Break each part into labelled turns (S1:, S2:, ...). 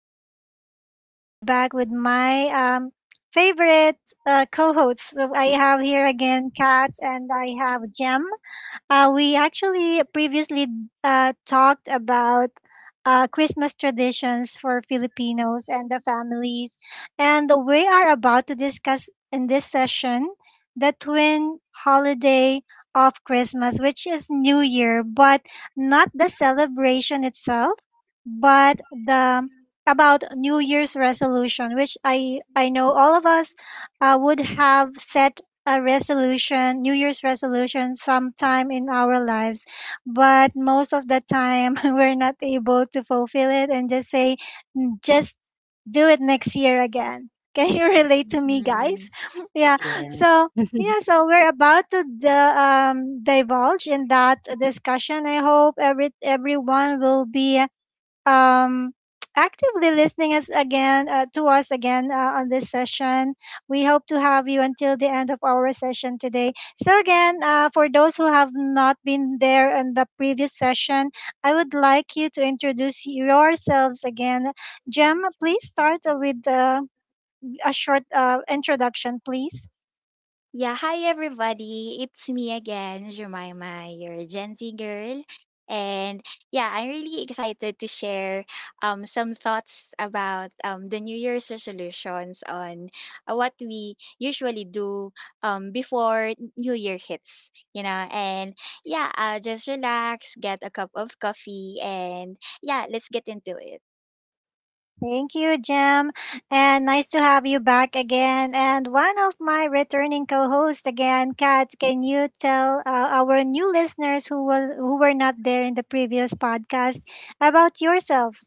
S1: so excited to be back with my favorite co hosts. So I have here again Kat and I have Jem. We actually previously talked about Christmas traditions for Filipinos and the families. And we are about to discuss in this session the twin holiday of Christmas, which is New Year, but not the celebration itself, but the about New Year's resolution, which I know all of us would have set a resolution, New Year's resolution sometime in our lives, but most of the time we're not able to fulfill it and just say, just do it next year again. Can you relate to me, guys?
S2: Mhm.
S1: Yeah.
S3: Yeah.
S1: So, yeah, so we're about to divulge in that discussion. I hope everyone will be um, actively listening us again to us again on this session. We hope to have you until the end of our session today. So again, for those who have not been there in the previous session, I would like you to introduce yourselves again. Jem, please start with a short introduction, please.
S2: Yeah, hi everybody. It's me again, Jemima, your Gen Z girl. And yeah, I'm really excited to share some thoughts about the New Year's resolutions on what we usually do before New Year hits, you know. And yeah, just relax, get a cup of coffee, and yeah, let's get into it.
S1: Thank you, Jem. And nice to have you back again. And one of my returning co-hosts again, Kat, can you tell our new listeners who were not there in the previous podcast about yourself?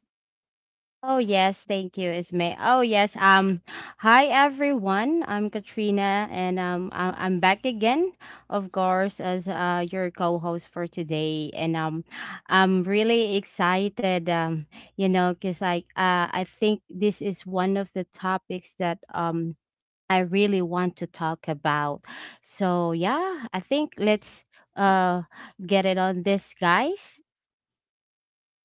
S3: Oh yes, thank you, Ismay. Oh yes. Hi everyone. I'm Katrina, and I'm back again, of course, as your co-host for today. And I'm really excited. Cause like I think this is one of the topics that I really want to talk about. So yeah, I think let's uh get it on this, guys.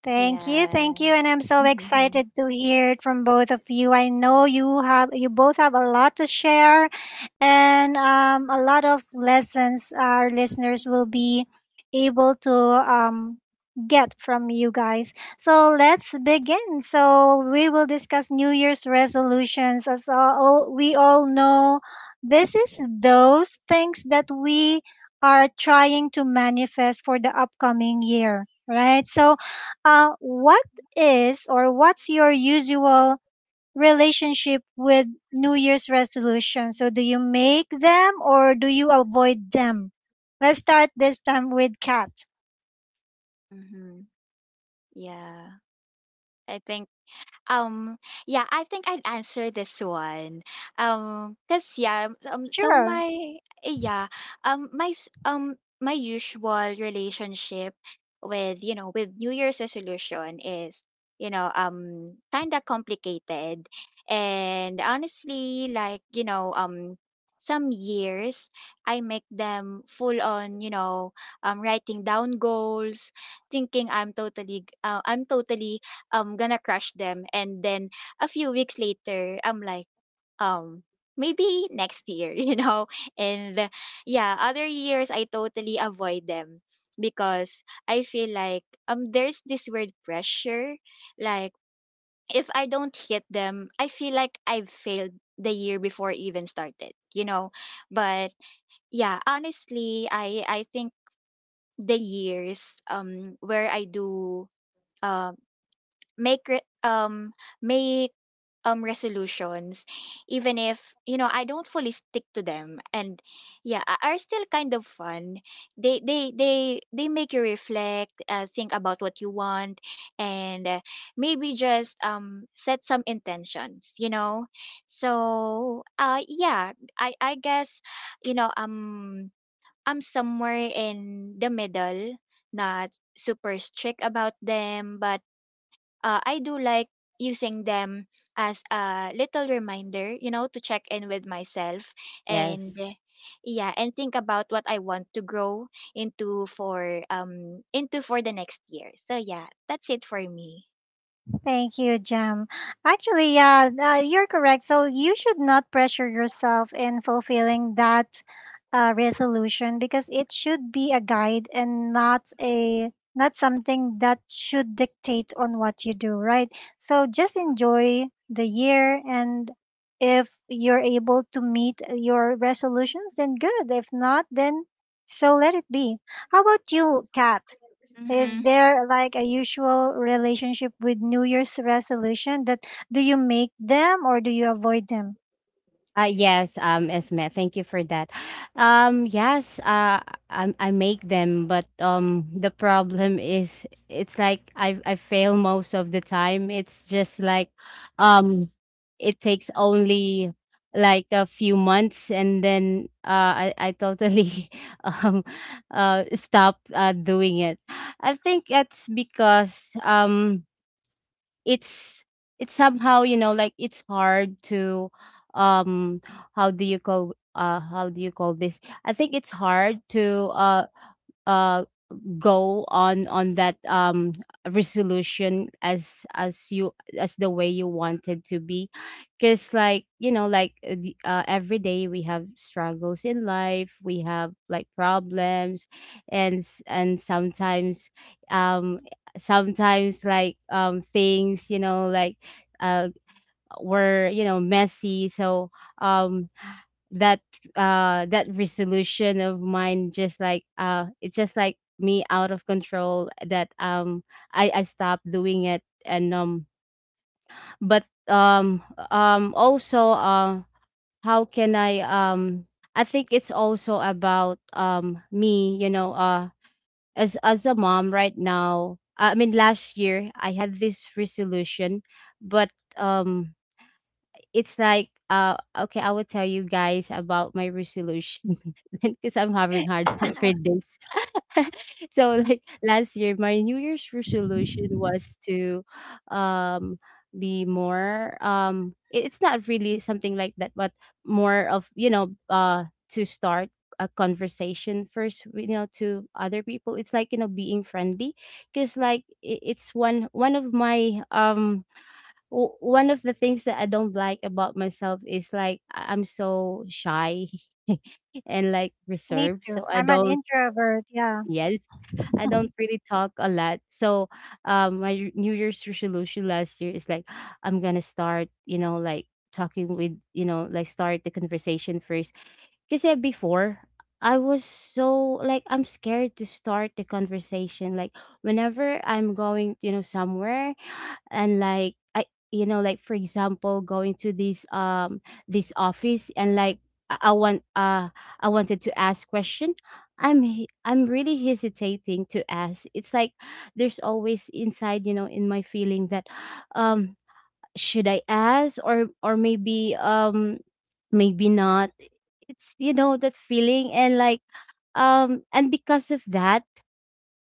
S2: Yeah.
S1: Thank you, and I'm so excited to hear it from both of you. I know you both have a lot to share, and a lot of lessons our listeners will be able to get from you guys. So let's begin. So we will discuss New Year's resolutions. We all know, this is those things that we are trying to manifest for the upcoming year, right? So, what is or what's your usual relationship with New Year's resolution? So do you make them or do you avoid them? Let's start this time with Kat.
S2: Mm-hmm. Yeah. I think Um, yeah, I think I'd answer this one. Cause yeah, so
S1: Sure.
S2: my eh, yeah, my s- my usual relationship with with New Year's resolution is kind of complicated, and honestly, like some years I make them full on, you know, writing down goals, thinking I'm totally I'm gonna crush them. And then a few weeks later, I'm like, um, maybe next year, you know? And yeah, other years I totally avoid them because I feel like there's this weird pressure. Like if I don't hit them, I feel like I've failed the year before even started, you know? But yeah, honestly, I think the years where I do um make re- um make resolutions, even if, you know, I don't fully stick to them, and yeah, are still kind of fun. They make you reflect, think about what you want, and maybe just set some intentions, you know. So yeah, I guess, you know um I'm somewhere in the middle, not super strict about them, but I do like using them as a little reminder, you know, to check in with myself. And
S3: Yes.
S2: yeah, and think about what I want to grow into for the next year. So yeah, that's it for me.
S1: Thank you, Jam. Actually, yeah, you're correct. So you should not pressure yourself in fulfilling that resolution because it should be a guide and not something that should dictate on what you do, right? So just enjoy the year and if you're able to meet your resolutions, then good. If not, then so let it be. How about you, Kat? Is
S2: Mm-hmm.
S1: there like a usual relationship with New Year's resolution that do you make them or do you avoid them
S3: Yes, Esme, thank you for that. Yes, I make them, but the problem is, it's like I fail most of the time. It's just like, um, it takes only like a few months, and then I totally um stop doing it. I think it's because it's it's somehow, you know, like, it's hard to, um how do you call this? I think it's hard to uh go on that resolution, as the way you wanted to be, because like, like, every day we have struggles in life, we have like problems, and um sometimes like things, you know, like uh were, you know, messy. So um that that resolution of mine just like it's just like me out of control, that I stopped doing it. And but also how can I think it's also about me, you know, as a mom right now. I mean, last year I had this resolution, but um it's like, okay, I will tell you guys about my resolution because I'm having hard time for this. So like last year, my New Year's resolution was to um be more, it's not really something like that, but more of, to start a conversation first, to other people. It's like, being friendly, because like it's one of my, one of the things that I don't like about myself is like I'm so shy. And like, reserved.
S1: too?
S3: So I
S1: An
S3: don't.
S1: introvert, yeah.
S3: Yes, I don't really talk a lot. So my New Year's resolution last year is like, I'm gonna start, like talking with, like start the conversation first. Because yeah, before I was so like I'm scared to start the conversation. Like whenever I'm going, somewhere, and like I, like for example going to this office, and like I I want uh I wanted to ask question. I'm really hesitating to ask. It's like there's always inside, in my feeling that um should I ask, or maybe, maybe not. It's, that feeling. And like and because of that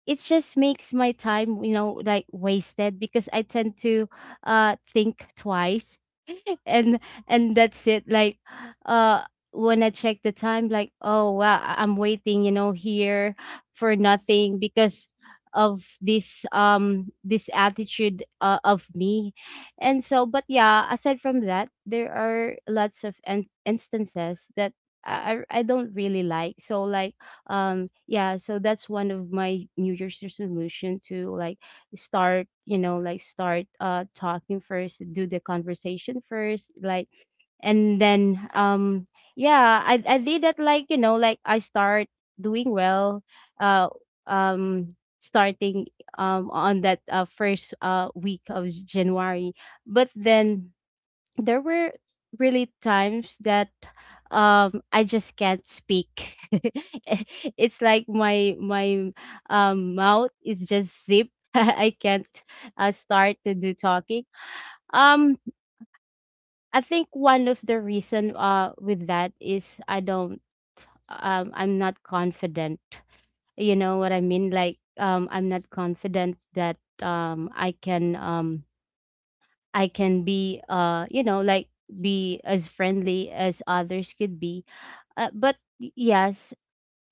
S3: it just makes my time, like wasted because I tend to think twice. and and that's it. Like uh when I check the time, like, oh wow, I'm waiting, here for nothing because of this attitude, of me. And so, but yeah, aside from that there are lots of instances that I don't really like. So like, yeah, so that's one of my New Year's resolution, to like start, like start talking first, do the conversation first. Like, and then yeah, I did that, like, like I start doing well, uh starting on that first week of January. But then there were really times that I just can't speak. It's like my mouth is just zip. I can't start to do talking. Um I think one of the reason with that is I don't, I'm not confident. You know what I mean? Like I'm not confident that um I can um I can be, you know, like, be as friendly as others could be. But yes,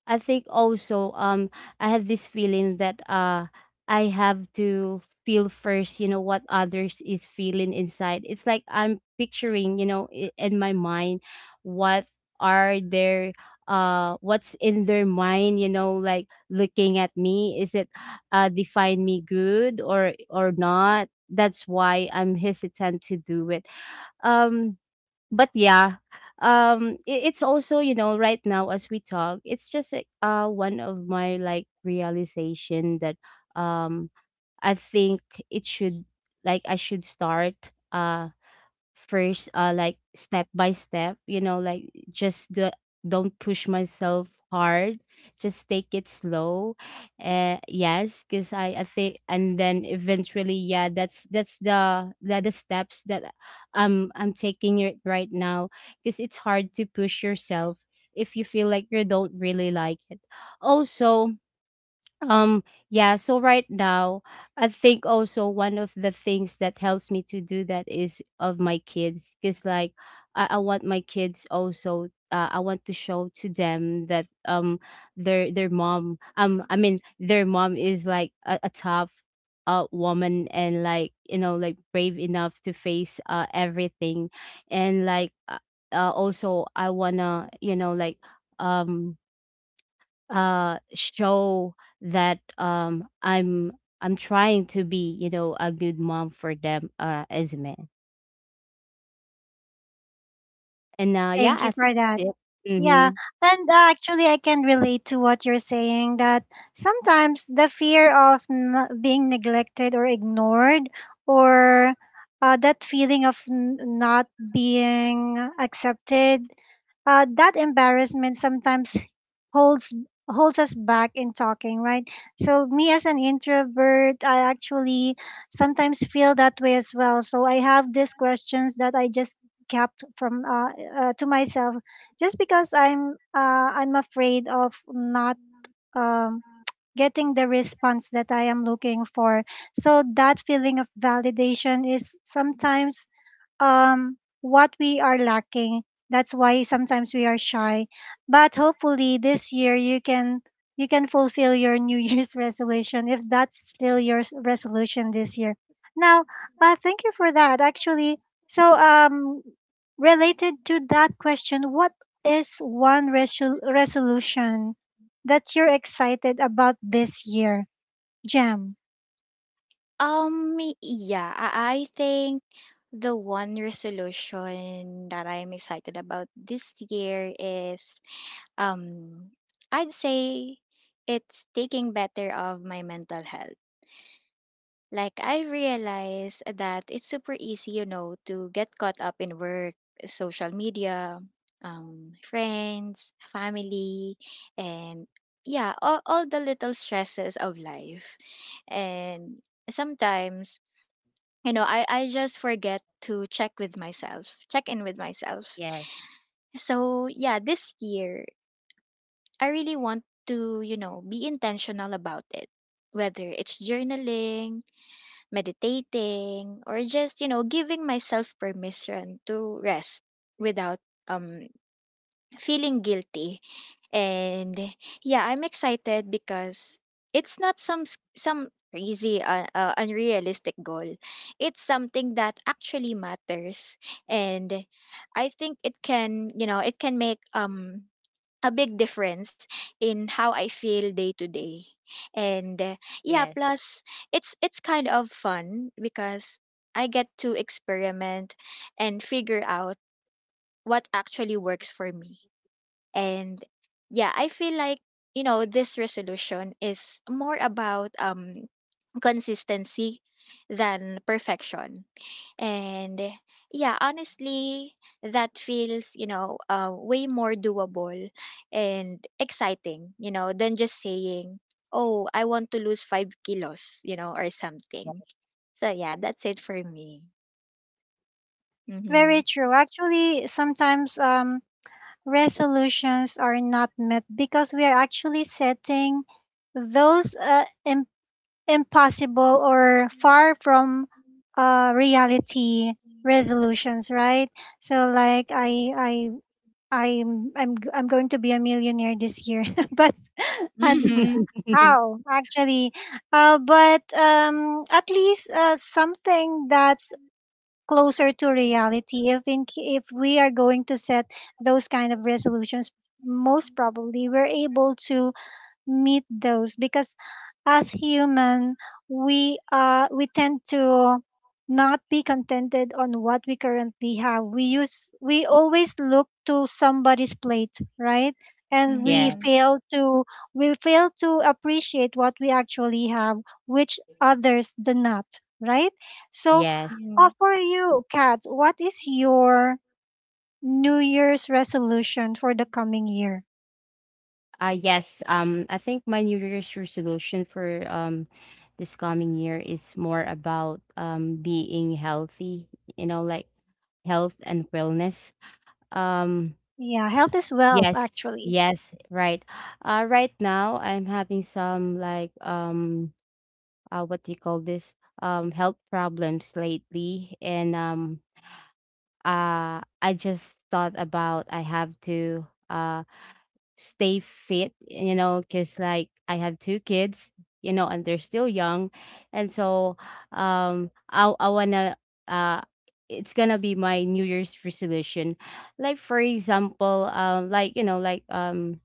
S3: I think also I had this feeling that I have to feel first, what others is feeling inside. It's like I'm picturing, in my mind what are their what's in their mind, like looking at me. Is it define me good or not? That's why I'm hesitant to do it. Um but yeah, it's also, right now as we talk it's just like, one of my like realization that um I think it should like I should start uh first, like step by step, you know, like, just the don't push myself hard, just take it slow. Yes, because I think and then eventually yeah, that's the steps that I'm taking it right now, because it's hard to push yourself if you feel like you don't really like it also. um, yeah, so right now, I think also one of the things that helps me to do that is of my kids, because like I want my kids also, I want to show to them that their mom, I mean their mom is like a tough woman, and like, like brave enough to face everything, and like, also I wanna, like, um show that I'm trying to be, you know, a good mom for them as a man. And yeah,
S1: Thank
S3: I
S1: you for
S3: think
S1: that.
S3: that's it.
S1: Yeah,
S3: Mm-hmm.
S1: and actually, I can relate to what you're saying that sometimes the fear of being neglected or ignored, or that feeling of not being accepted, that embarrassment sometimes holds holds us back in talking, right. So me as an introvert, I actually sometimes feel that way as well. So I have these questions that I just kept from to myself, just because I'm afraid of not um, getting the response that I am looking for. So that feeling of validation is sometimes what we are lacking. That's why sometimes we are shy, but hopefully this year you can fulfill your new year's resolution if that's still your resolution this year. Now, thank you for that, actually. So, related to that question, what is one resolution that you're excited about this year, Jam?
S2: Yeah, I think the one resolution that I'm excited about this year is, um, I'd say it's taking better of my mental health. Like I realized that it's super easy, you know, to get caught up in work, social media, friends, family, and yeah, all the little stresses of life. And sometimes, you know, I just forget to check with myself, check in with myself.
S3: Yes,
S2: So yeah, this year I really want to, you know, be intentional about it. Whether it's journaling, meditating, or just, you know, giving myself permission to rest without um feeling guilty. And yeah, I'm excited because it's not some crazy unrealistic goal. It's something that actually matters, and I think it can, you know, it can make a big difference in how I feel day to day. And
S3: yes,
S2: yeah, plus it's kind of fun because I get to experiment and figure out what actually works for me. And yeah, I feel like, you know, this resolution is more about consistency than perfection. And yeah, honestly, that feels, you know, way more doable and exciting, you know, than just saying, oh, I want to lose 5 kilos, you know, or something.
S3: yes,
S2: So yeah, that's it for me. Mm-hmm.
S1: Very true, actually sometimes resolutions are not met because we are actually setting those impossible or far from reality resolutions, right. So like I I'm, g- I'm going to be a millionaire this year but and
S2: Mm-hmm.
S1: how actually but at least something that's closer to reality, if in ca- if we are going to set those kind of resolutions most probably we're able to meet those, because as human we tend to not be contented on what we currently have, we always look to somebody's plate, right. And
S3: yes,
S2: Mm-hmm.
S1: we fail to appreciate what we actually have, which others do not, right. So,
S3: yes,
S2: Mm-hmm.
S1: for you, Kat, what is your New Year's resolution for the coming year?
S3: yes, I think my New Year's resolution for this coming year is more about being healthy, you know, like health and wellness. um
S1: Yeah, health is wealth,
S3: Yes,
S1: actually.
S3: yes, right. Right now I'm having some like what do you call this? Health problems lately, and I just thought about, I have to stay fit, you know, 'cause like I have two kids, you know, and they're still young. And so I wanna uh it's gonna be my New Year's resolution. Like for example, like, like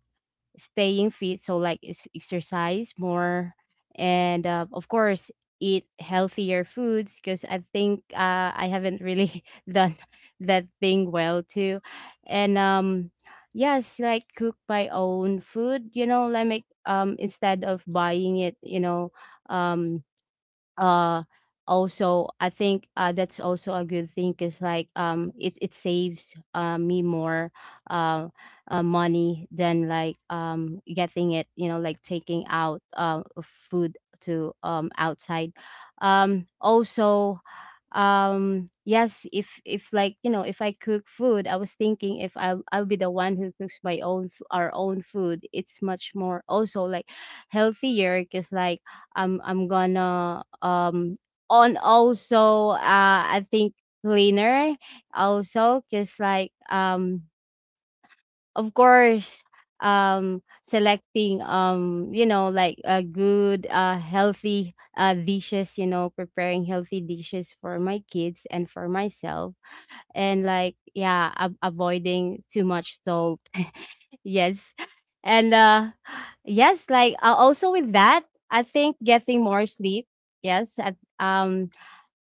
S3: staying fit, so like exercise more. And, of course, eat healthier foods because I think, I haven't really done that thing well too. And yes, like cook my own food, you know, like make instead of buying it, um uh also I think that's also a good thing because like it saves me more, uh, money than like getting it, you know, like taking out food to outside. Also yes, if, like you know, if I cook food, I was thinking if I'll be the one who cooks my own our own food, it's much more also like healthier because like I'm gonna, on, also, I think, cleaner also, because like of course selecting, you know, like a good healthy dishes, you know, preparing healthy dishes for my kids and for myself, and like yeah, avoiding too much salt. Yes. And yes, like, also with that, I think getting more sleep. Yes,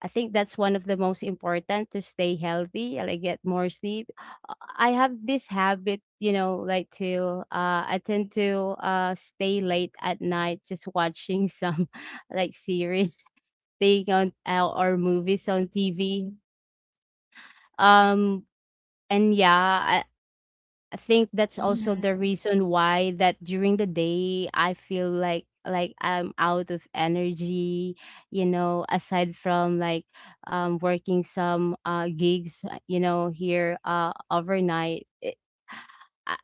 S3: I think that's one of the most important to stay healthy, like get more sleep. I have this habit, you know, like, to I tend to stay late at night just watching some like series thing on, or movies on TV. Um and yeah, I think that's also the reason why that during the day I feel like I'm out of energy, you know, aside from like working some gigs, you know, here overnight. I,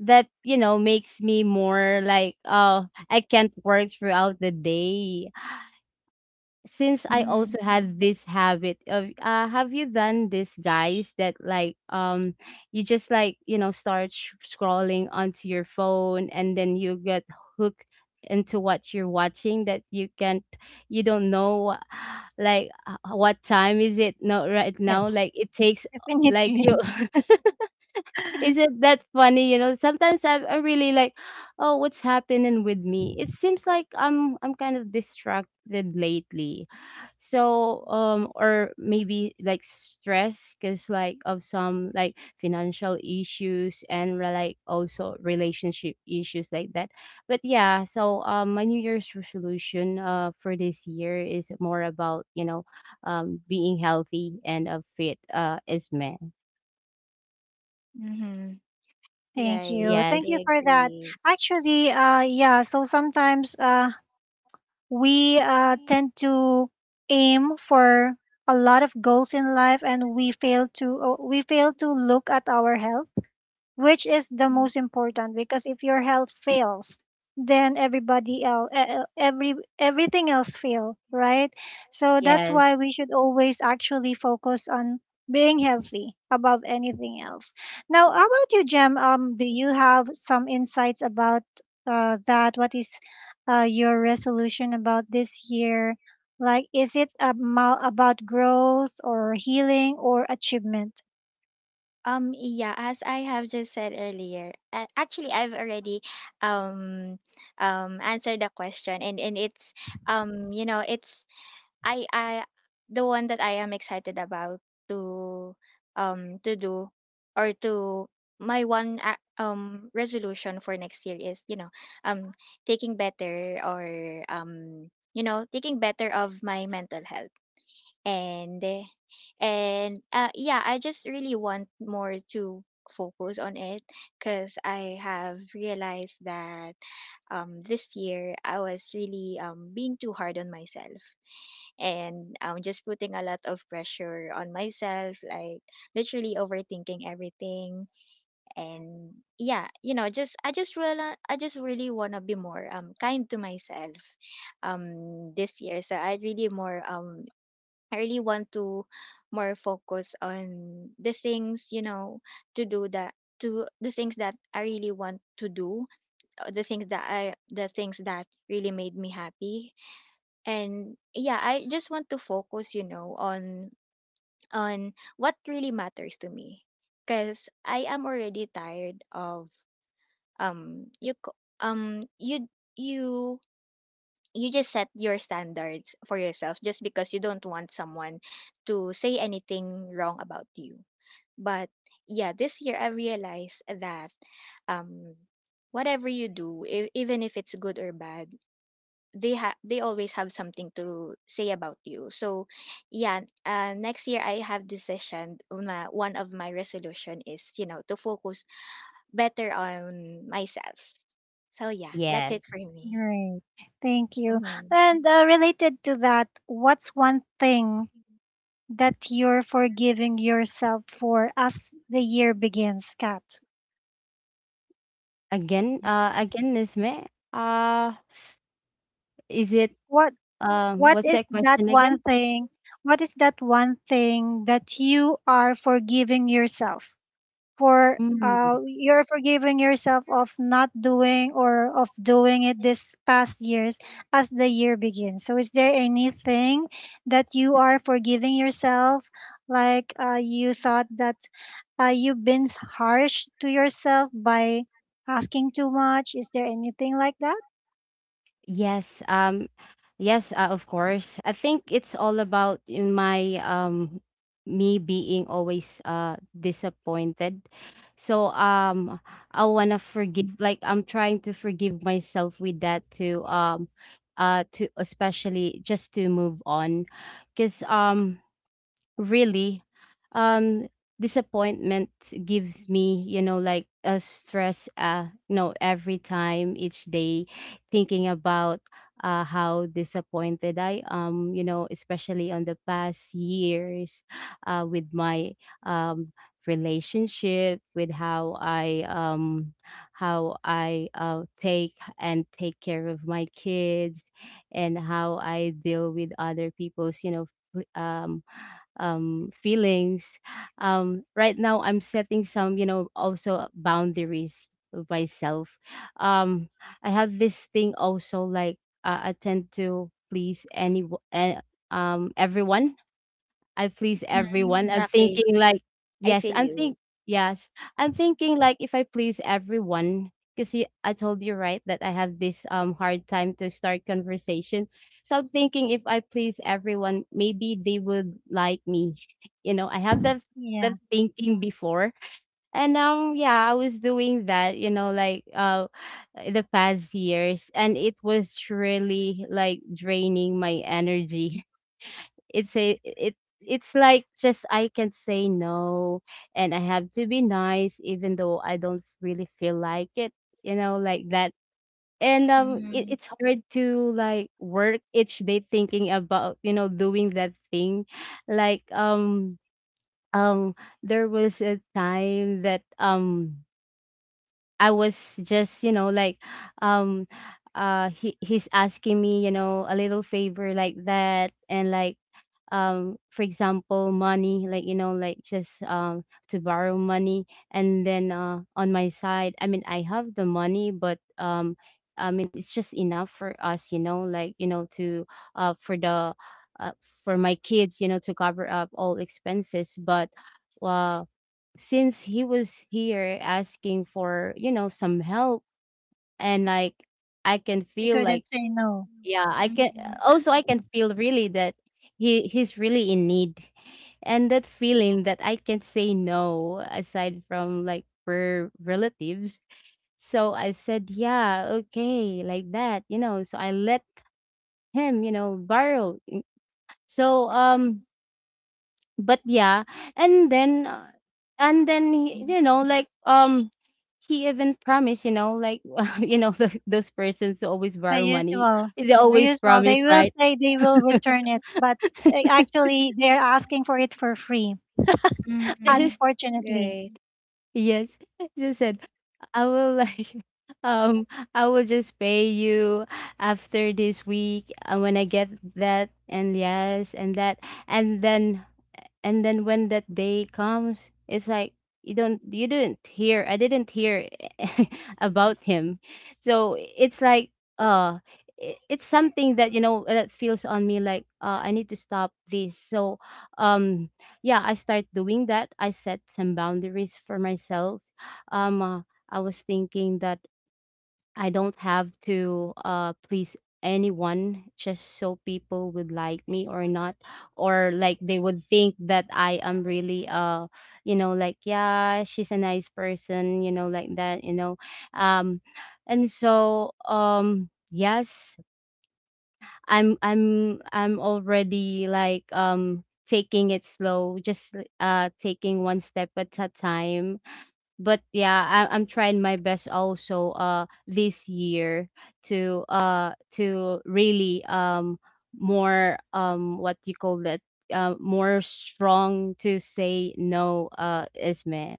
S3: that, you know, makes me more like, oh, I can't work throughout the day since I
S2: Mm-hmm.
S3: also had this habit of have you done this, guys, that like you just like, start scrolling onto your phone and then you get hooked into what you're watching that you don't know like, what time is it, no, right now,
S1: Yes.
S3: like it takes, like, you
S1: Definitely.
S3: is it that funny, you know? Sometimes I'm really like, oh, what's happening with me. It seems like I'm kind of distracted lately. So or maybe like stress because like of some like financial issues, and like also relationship issues like that. But yeah, so my New Year's resolution for this year is more about, you know, being healthy and, fit as men.
S2: Mm-hmm.
S1: Thank
S2: Right.
S1: you.
S2: I
S1: Thank
S3: Yes,
S1: you for that.
S2: agree.
S1: Actually, yeah, so sometimes we tend to aim for a lot of goals in life and we fail to look at our health, which is the
S2: Mm.
S1: most important, because if your health fails then everything else fail, right. So that's
S3: yes,
S1: why we should always actually focus on being healthy above anything else. Now, how about you, Jem? Do you have some insights about that what is your resolution about this year, like is it about growth or healing or achievement?
S2: Yeah, as I have just said earlier, actually, I've already um answered the question, and it's you know it's I the one that I am excited about to to do or to my one resolution for next year is, you know, um taking better or taking better of my mental health. And eh, and uh, yeah, I just really want more to focus on it because I have realized that this year I was really being too hard on myself, and just putting a lot of pressure on myself, like literally overthinking everything. And yeah, you know, just I just really want to be more kind to myself this year. So I really want to more focus on the things, you know, to do that, to the things that I really want to do, the things that really made me happy. And yeah, I just want to focus, you know, on what really matters to me, because I am already tired of um you c- um you you you just set your standards for yourself just because you don't want someone to say anything wrong about you. But yeah, this year I realized that um whatever you do, even if it's good or bad, they always have something to say about you. So yeah, next year I have decision na one of my resolution is, you know, to focus better on myself. So yeah, that's it
S3: yes,
S2: for me.
S1: Great. Thank you.
S2: Mhm.
S1: And related to that, what's one thing that you're forgiving yourself for as the year begins, Kat?
S3: again, Isme. uh is it,
S1: What what
S3: what's
S1: is
S3: that
S1: that
S3: question
S1: one
S3: again?
S1: thing? What is that one thing that you are forgiving yourself for
S3: Mm.
S1: you're forgiving yourself of not doing or of doing it this past years as the year begins. So, is there anything that you are forgiving yourself? Like you thought that you've been harsh to yourself by asking too much. Is there anything like that?
S3: Yes, yes, of course. I think it's all about in my me being always disappointed. So I wanna forgive, like, I'm trying to forgive myself with that to especially just to move on. Cause really, um, disappointment gives me, you know, like a stress, you know, every time, each day, thinking about how disappointed I am, you know, especially on the past years, with my, um, relationship, with how I take and take care of my kids, and how I deal with other people's, you know, pl- um feelings. Right now, I'm setting some, you know, also boundaries with myself. Um, I have this thing also, like, I tend to please any uh, everyone. I please
S2: Mhm.
S3: everyone.
S1: You,
S3: I'm
S2: Exactly.
S3: thinking, like,
S2: I
S3: yes,
S2: feel
S3: I'm
S2: you.
S3: think yes, I'm thinking, like, if I please everyone, because I told you, right, that I have this hard time to start conversation. So I'm thinking, if I please everyone, maybe they would like me. You know, I have that
S1: yeah,
S3: that thinking before, and now, yeah, I was doing that. You know, like, the past years, and it was really, like, draining my energy. It's a it it's like, just, I can say no, and I have to be nice even though I don't really feel like it, you know, like that. And it,
S2: Mm,
S3: it's hard to, like, work each day thinking about, you know, doing that thing. Like um there was a time that I was just, you know, like, um, he's asking me, you know, a little favor like that, and, like, for example, money, like, you know, like, just to borrow money, and then on my side. I mean, I have the money, but I mean, it's just enough for us, you know, like, you know, to for the uh for my kids, you know, to cover up all expenses, but. uh, since he was here asking for, you know, some help, and, like, I can
S1: they
S3: feel
S1: could
S3: like —
S1: say no.
S3: yeah, I can
S2: mm,
S3: also I can feel really that he's really in need, and that feeling that I can say no, aside from, like, we're relatives. So I said, yeah, okay, like that, you know, so I let him, you know, borrow. So but, yeah, and then uh, and then he, you know, like, he even promised, you know, like, you know, those persons who always
S1: The
S3: borrow money,
S1: usual,
S3: they
S1: the
S3: always
S1: usual.
S3: promise,
S1: They
S3: right?
S1: they will return it. Actually, they're asking for it for free.
S3: Yes.
S1: Unfortunately,
S3: Yes. She said, I will like um I will just pay you after this week, when I get that. And, yes, and that, and then and then when that day comes, it's like, you didn't hear, I didn't hear about him. So it's like, uh it's something that, you know, that feels on me, like, I need to stop this. So um yeah, I start doing that. I set some boundaries for myself. um uh, I was thinking that I don't have to please anyone, just so people would like me or not, or, like, they would think that I am really, you know, like, yeah, she's a nice person, you know, like that, you know. um and so, yes, I'm already, like, taking it slow, just taking one step at a time. But, yeah, I'm trying my best also, this year, to really more, what you call that, more strong to say no, isme.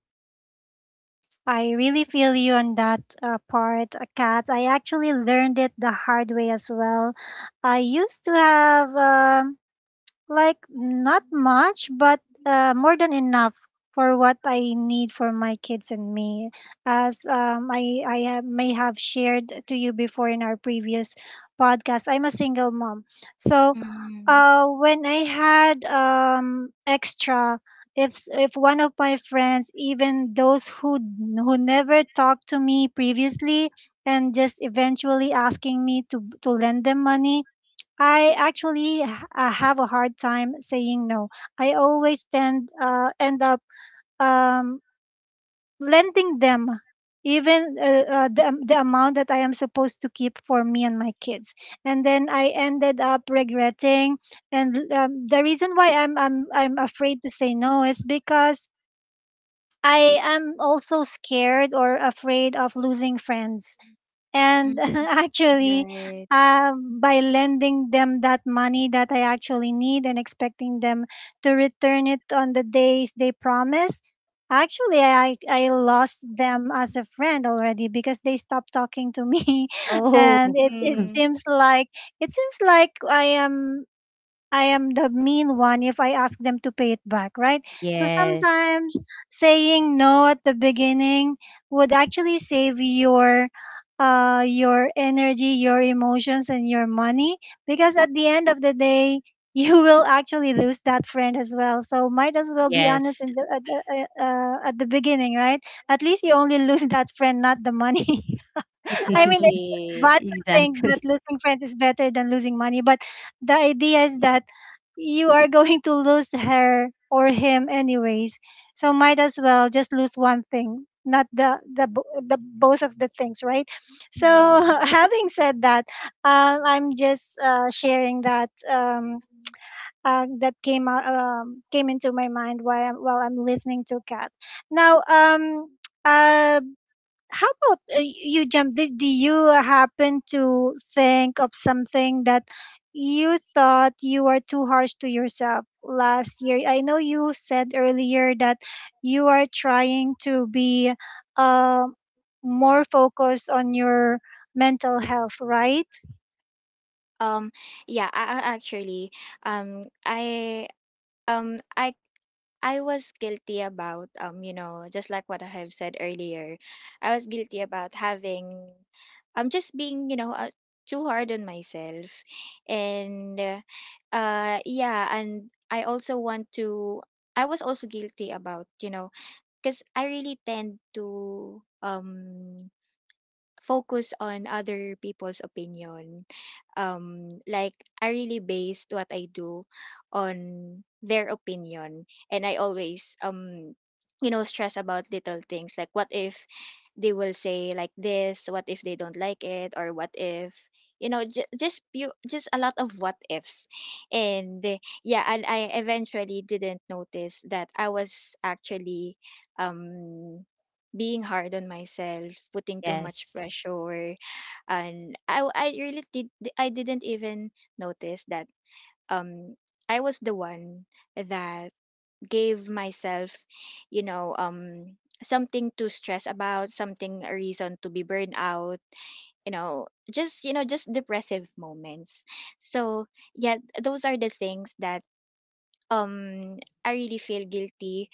S1: I really feel you on that part, Kat. I actually learned it the hard way as well. I used to have. Like not much, but more than enough for what I need for my kids and me. As may have shared to you before in our previous podcast, I'm a single mom. So,
S2: mm.
S1: when I had extra, if one of my friends, even those who who never talked to me previously, and just eventually asking me to lend them money, I actually have a hard time saying no. I always tend end up um, lending them even the amount that I am supposed to keep for me and my kids. And then I ended up regretting. And the reason why I'm afraid to say no is because I am also scared or afraid of losing friends,
S2: Hmm.
S1: and
S2: You're
S1: actually,
S2: right.
S1: by lending them that money that I actually need and expecting them to return it on the days they promised, actually I lost them as a friend already because they stopped talking to me. And
S3: Oh.
S2: Mm.
S1: it seems like I am the mean one if I ask them to pay it back, right. So
S3: Yes.
S1: sometimes saying no at the beginning would actually save your energy, your emotions and your money, because at the end of the day you will actually lose that friend as well. So might as well be honest
S3: Yes.
S1: in the, at, the, at the beginning, right? At least you only lose that friend, not the money. I mean, it's
S2: Exactly.
S1: bad to think
S3: Exactly.
S1: that losing friends is better than losing money, but the idea is that you are going to lose her or him anyways. So might as well just lose one thing, not the both of the things, right? So having said that, I'm just sharing that came out came into my mind while while I'm listening to Kat. Now, uh, how about you, jump? Did Do you happen to think of something that you thought you were too harsh to yourself last year? I know you said earlier that you are trying to be uh, more focused on your mental health, right?
S2: Um, yeah, actually, um, I um I I was guilty about, you know, just like what I have said earlier, I was guilty about having, just being, you know, too hard on myself, and yeah, and I also want to. I was also guilty about, you know, because I really tend to focus on other people's opinion. Like I really based what I do on their opinion, and I always, you know, stress about little things, like what if they will say like this, what if they don't like it, or what if, you know, just a lot of what ifs. And yeah, and I eventually didn't notice that I was actually um being hard on myself, putting too much
S3: Yes.
S2: pressure, and I really did I didn't even notice that um I was the one that gave myself, you know, something to stress about, something a reason to be burned out, you know, just, you know, just depressive moments. So yeah, those are the things that um I really feel guilty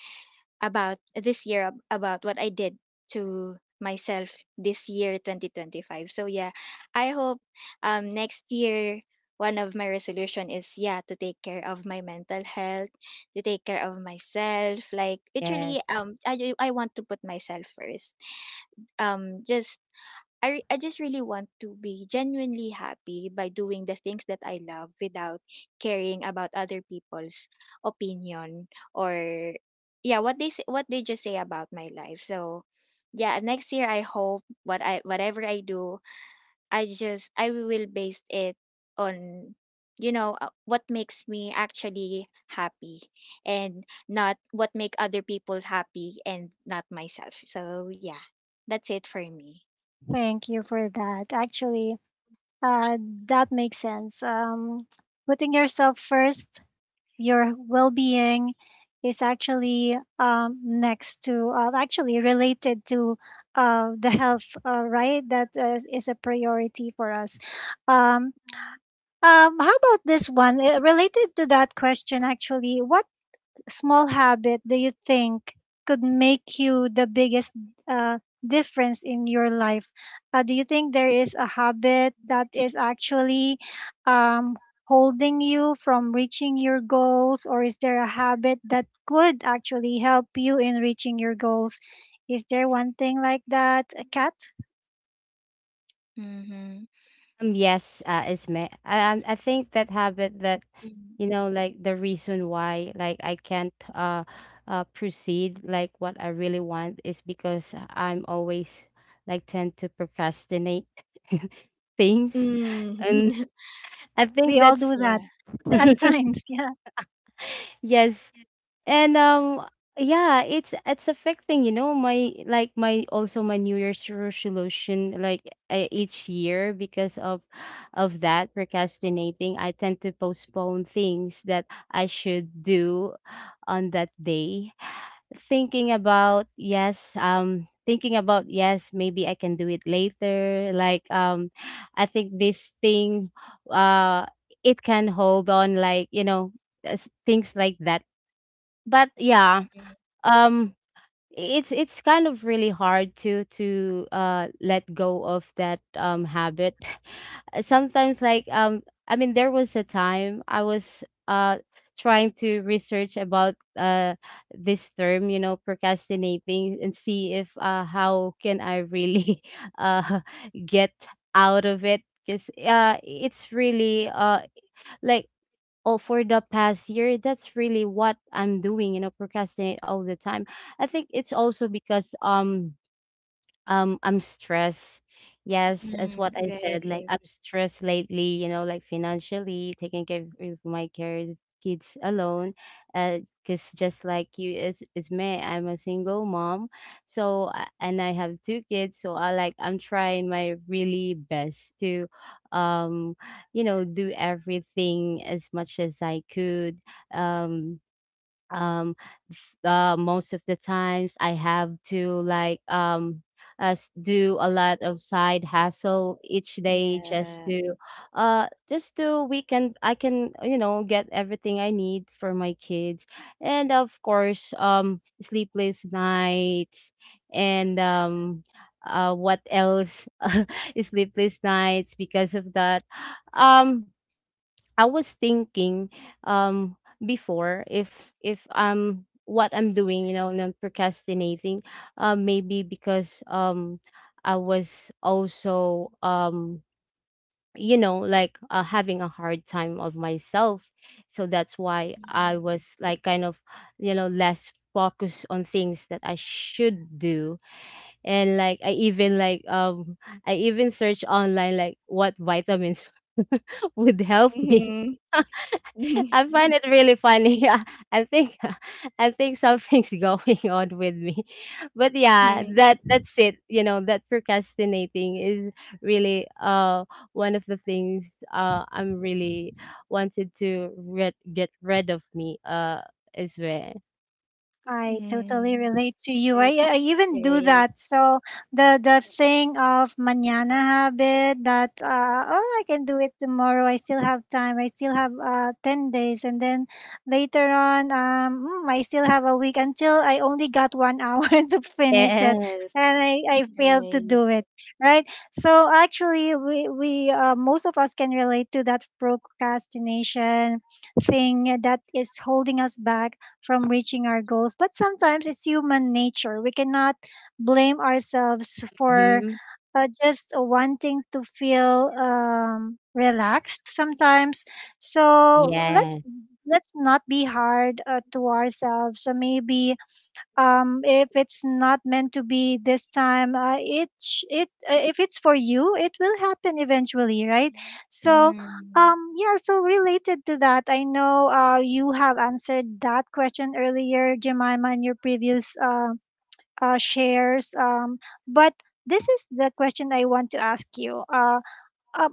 S2: about this year about what I did to myself this year 2025. So yeah, I hope next year one of my resolution is yeah to take care of my mental health, to take care of myself. Like literally
S3: Yes.
S2: I want to put myself first. Um just I just really want to be genuinely happy by doing the things that I love without caring about other people's opinion, or yeah, what they say, what they just say about my life. So yeah, next year I hope what I whatever I do, I will base it on, you know, what makes me actually happy and not what make other people happy and not myself. So yeah, that's it for me.
S1: Thank you for that. Actually, uh, that makes sense. Putting yourself first, your well-being is actually next to actually related to the health right that is a priority for us. Um, How about this one? Related to that question, actually, what small habit do you think could make you the biggest uh, difference in your life? Do you think there is a habit that is actually um, holding you from reaching your goals, or is there a habit that could actually help you in reaching your goals? Is there one thing like that, a cat?
S2: Mhm.
S3: Yes, is me. I think that habit that,
S2: Mhm.
S3: you know, like, the reason why, like, I can't proceed, like, what I really want, is because I'm always, like, tend to procrastinate things, and
S2: Mm.
S3: I think
S1: We all do
S3: that's —
S2: Yeah.
S1: at times. Yeah.
S3: yes, and yeah, it's affecting, you know, my, like, my, also my New Year's resolution, like, each year because of that procrastinating, I tend to postpone things that I should do on that day, thinking about, yes, thinking about, yes, maybe I can do it later. Like, I think this thing, uh it can hold on, like, you know, things like that. But, yeah. um it's kind of really hard to let go of that habit sometimes. Like, I mean, there was a time I was trying to research about this term, you know, procrastinating, and see if, how can I really uh get out of it, because it's really, like, oh, for the past year, that's really what I'm doing, you know, procrastinate all the time. I think it's also because I'm stressed. Yes, as what
S2: Mhm,
S3: I said, like,
S2: right.
S3: I'm stressed lately, you know, like, financially, taking care of my kids alone. Uh, Cause, just like you, is me, I'm a single mom. So, and I have two kids, so I'm trying my really best to, um, you know, do everything as much as I could. Um um Most of the times, I have to, like, us do a lot of side hustle each day, just
S2: Yeah.
S3: to we can, I can, you know, get everything I need for my kids. And, of course, sleepless nights, and what else? Sleepless nights because of that. um I was thinking, um before, if what I'm doing, you know, and I'm procrastinating, maybe because I was also, you know, like, having a hard time of myself, so that's why I was, like, kind of, you know, less focused on things that I should do. And, like, I even search online, like, what vitamins would help me.
S2: Mhm. Mhm,
S3: I find it really funny. Yeah, I think I think something's going on with me. But, yeah,
S2: mhm.
S3: that's it. You know, that procrastinating is really, one of the things I'm really wanted to rid get rid of me, as well.
S1: I totally
S2: Mhm.
S1: relate to you. I,
S2: R
S1: I even do
S2: right.
S1: that. So the thing of mañana habit that oh, I can do it tomorrow. I still have time. I still have 10 days, and then later on I still have a week until I only got 1 hour to finish that,
S3: Yes.
S1: and I failed to
S2: Right.
S1: do it. Right. So actually, we most of us can relate to that procrastination thing that is holding us back from reaching our goals. But sometimes it's human nature. We cannot blame ourselves for
S3: Hmm.
S1: just wanting to feel relaxed sometimes. So let's
S3: Yes.
S1: not be hard to ourselves. So maybe if it's not meant to be this time, it sh- it if it's for you it will happen eventually, right? So
S2: Mhm.
S1: yeah, so related to that, I know you have answered that question earlier, Jemima, in your previous shares, but this is the question I want to ask you. Uh,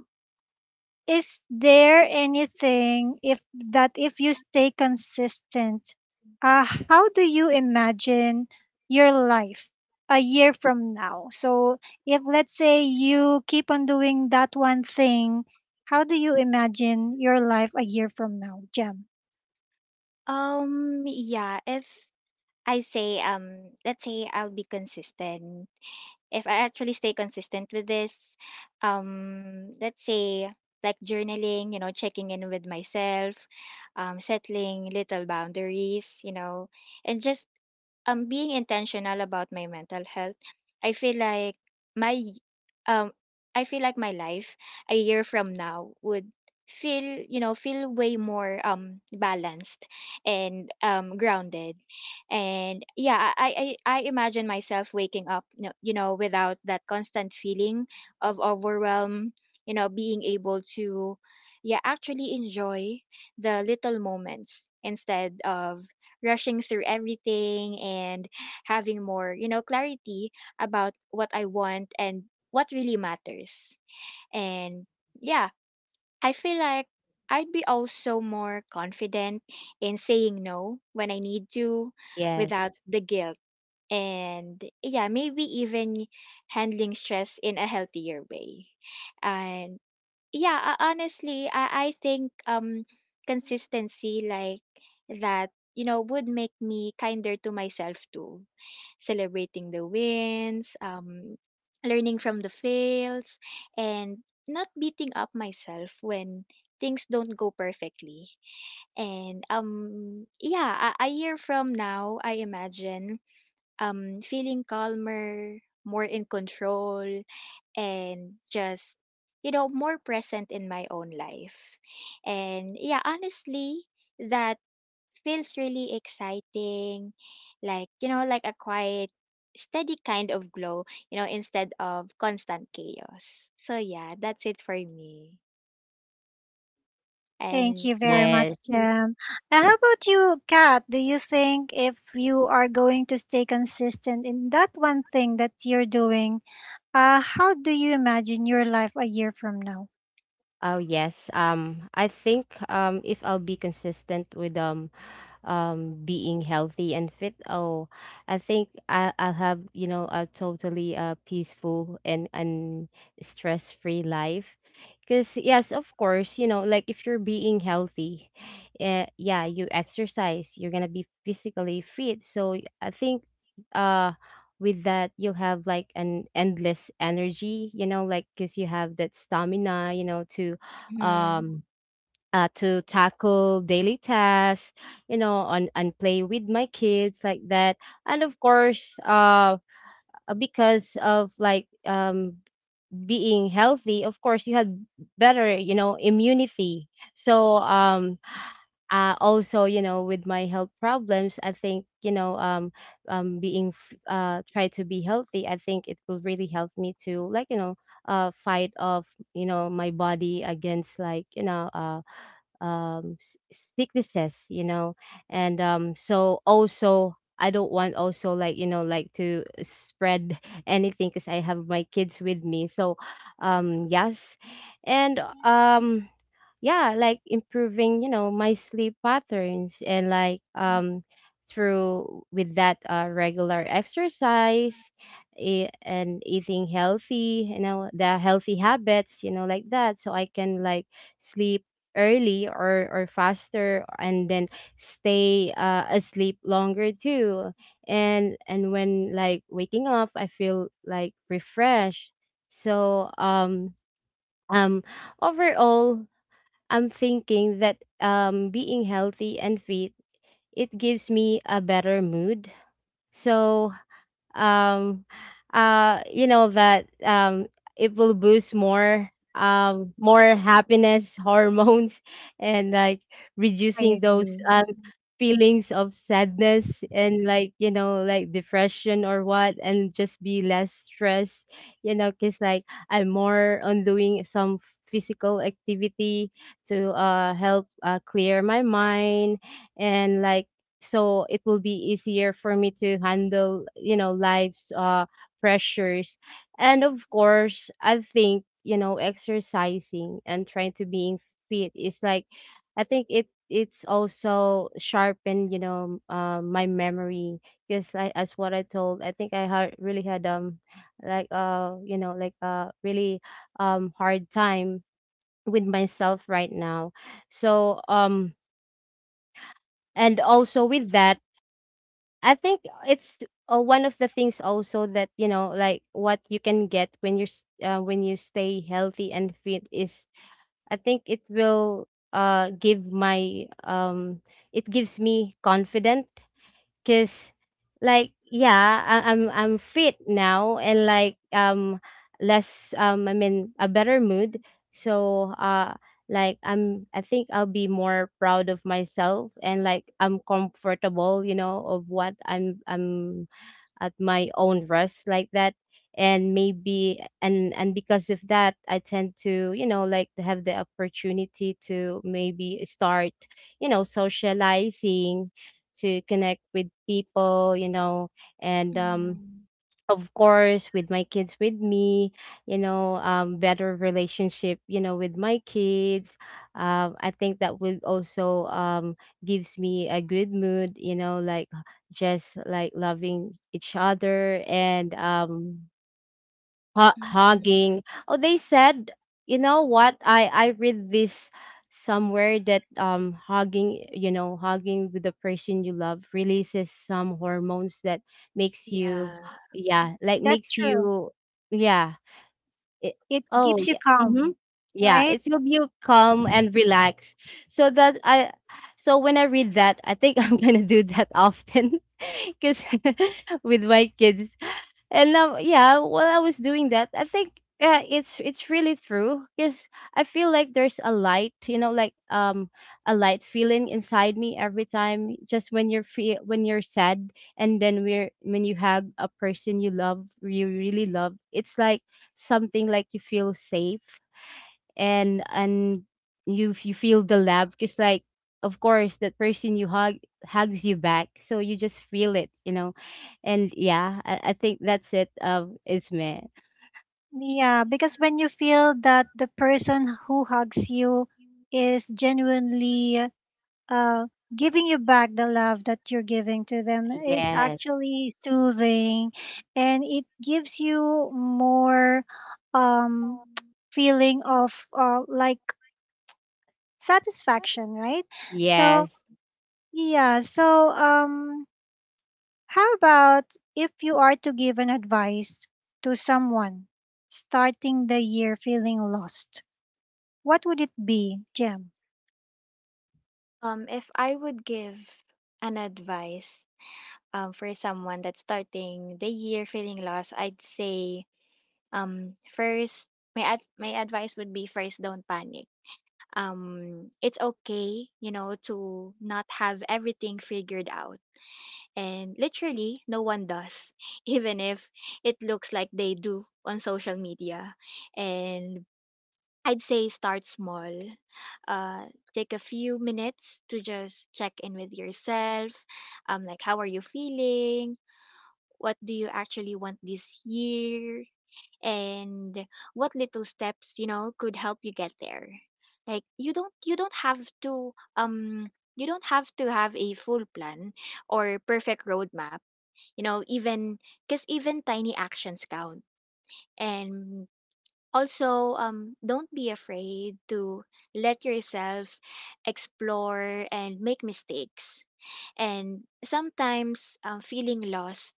S1: is there anything, if you stay consistent, how do you imagine your life a year from now? So if let's say you keep on doing that one thing, how do you imagine your life a year from now, Jem?
S2: Yeah, if I say, let's say I'll be consistent if I actually stay consistent with this, let's say like journaling, you know, checking in with myself, settling little boundaries, you know, and just being intentional about my mental health. I feel like my um I feel like my life a year from now would feel you know feel way more balanced and grounded. And yeah, I imagine myself waking up, you know, you know, without that constant feeling of overwhelm, you know, being able to yeah actually enjoy the little moments instead of rushing through everything, and having more, you know, clarity about what I want and what really matters. And yeah, I feel like I'd be also more confident in saying no when I need to
S3: Yes.
S2: without the guilt. And yeah, maybe even handling stress in a healthier way. And yeah, honestly, I think consistency like that, you know, would make me kinder to myself too, celebrating the wins, learning from the fails, and not beating up myself when things don't go perfectly. And yeah, a year from now I imagine feeling calmer, more in control, and just, you know, more present in my own life. And yeah, honestly, that feels really exciting, like, you know, like a quiet steady kind of glow, you know, instead of constant chaos. So yeah, that's it for me.
S1: Thank
S2: And
S1: you
S2: yeah,
S1: very much,
S3: Yes.
S1: Jem. And how about you, Kat? Do you think if you are going to stay consistent in that one thing that you're doing, how do you imagine your life a year from now?
S3: Oh, yes. I think, if I'll be consistent with being healthy and fit. Oh, I think, I'll have, you know, a totally peaceful and stress-free life, because, yes, of course, you know, like, if you're being healthy, yeah, you exercise, you're gonna be physically fit. So, I think, uh with that you'll have, like, an endless energy, you know, like, because you have that stamina, you know,
S2: mhm.
S3: um to tackle daily tasks, you know, and play with my kids, like that. And of course, because of, like, being healthy, of course, you had better, you know, immunity. So, also, you know, with my health problems, I think, you know, being, try to be healthy, I think it will really help me to, like, you know, fight off, you know, my body against, like, you know, um s- sicknesses, you know. And so also, I don't want also, like, you know, like, to spread anything because I have my kids with me. So yes. And yeah, like, improving, you know, my sleep patterns, and, like, through with that, regular exercise, and eating healthy, you know, the healthy habits, you know, like that, so I can, like, sleep early, or faster, and then stay, asleep longer too. And when, like, waking up, I feel, like, refreshed. So um overall, I'm thinking that, being healthy and fit, it gives me a better mood. So um you know that, it will boost more happiness hormones and, like,
S1: I
S3: reducing those,
S1: agree.
S3: feelings of sadness, and, like, you know, like, depression or what, and just be less stressed, you know, because, like, I'm more on doing some physical activity to help clear my mind. And, like, so it will be easier for me to handle, you know, life's pressures. And of course, I think, you know, exercising and trying to being fit is, like, I think it's also sharpened, you know, my memory, because as what I told, I think I had really had, like, you know, like, really, hard time with myself right now. So and also with that, I think it's, one of the things also that, you know, like, what you can get when you're, when you stay healthy and fit is. I think it will, give my it gives me confident. Cause, like, yeah, I'm fit now, and, like, less I'm in a better mood. So I think I'll be more proud of myself, and I'm comfortable, you know, of what I'm at my own rest like that. And maybe and because of that, I tend to, you know, like to have the opportunity to maybe start, you know, socializing, to connect with people, you know, and
S2: Mm.
S3: of course, with my kids with me, you know, better relationship, you know, with my kids. I think that will also, gives me a good mood, you know, like just like loving each other, and hugging. Oh, they said, you know what? I read this somewhere that hugging, you know, hugging with the person you love releases some hormones that makes you, yeah, like
S1: That's
S3: makes
S1: true.
S3: you, yeah, it,
S1: It
S3: oh
S1: keeps you
S3: yeah. Mm-hmm.
S1: calm,
S3: Yeah,
S1: right?
S3: it will be calm and relaxed. So that I so when I read that, I think I'm gonna do that often because with my kids. And now, yeah, while I was doing that, I think yeah, it's really true because I feel like there's a light, you know, like a light feeling inside me every time, just when you're free, when you're sad, and then we're when you hug a person you love, you really love. It's like something, like you feel safe, and you feel the love because, like, of course that person you hug hugs you back, so you just feel it, you know. And yeah, I think that's it, isme.
S1: Yeah, because when you feel that the person who hugs you is genuinely uh, giving you back the love that you're giving to them is
S3: Yes.
S1: actually soothing, and it gives you more um, feeling of like satisfaction, right? So
S3: Yes,
S1: yeah, so how about, if you are to give an advice to someone starting the year feeling lost? What would it be, Jem?
S2: If I would give an advice, for someone that's starting the year feeling lost, I'd say first, my advice would be, first, don't panic. It's okay, you know, to not have everything figured out. And literally, no one does, even if it looks like they do on social media. And I'd say start small. Uh, take a few minutes to just check in with yourself. Like how are you feeling? What do you actually want this year? And what little steps, you know, could help you get there. Like, you don't have to have a full plan or perfect roadmap, you know, even because even tiny actions count. And also, don't be afraid to let yourself explore and make mistakes. And sometimes, feeling lost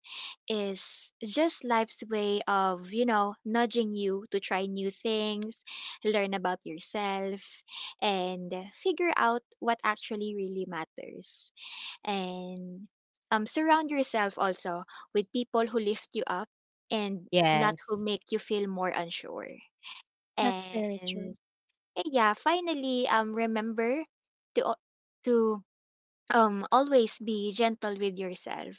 S2: is just life's way of, you know, nudging you to try new things, learn about yourself, and figure out what actually really matters. And surround yourself also with people who lift you up and not who
S3: yes,
S2: make you feel more unsure.
S1: That's very
S2: And
S1: true.
S2: yeah, finally, remember to al- to always be gentle with yourself.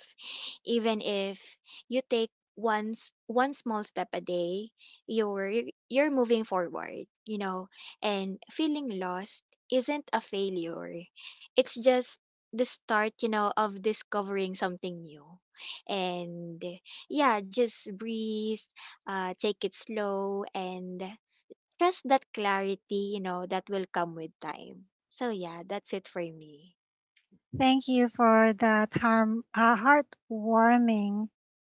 S2: Even if you take one small step a day, you're moving forward, you know. And feeling lost isn't a failure. It's just the start, you know, of discovering something new. And yeah, just breathe, take it slow, and trust that clarity, you know, that will come with time. So yeah, that's it for me.
S1: Thank you for that heartwarming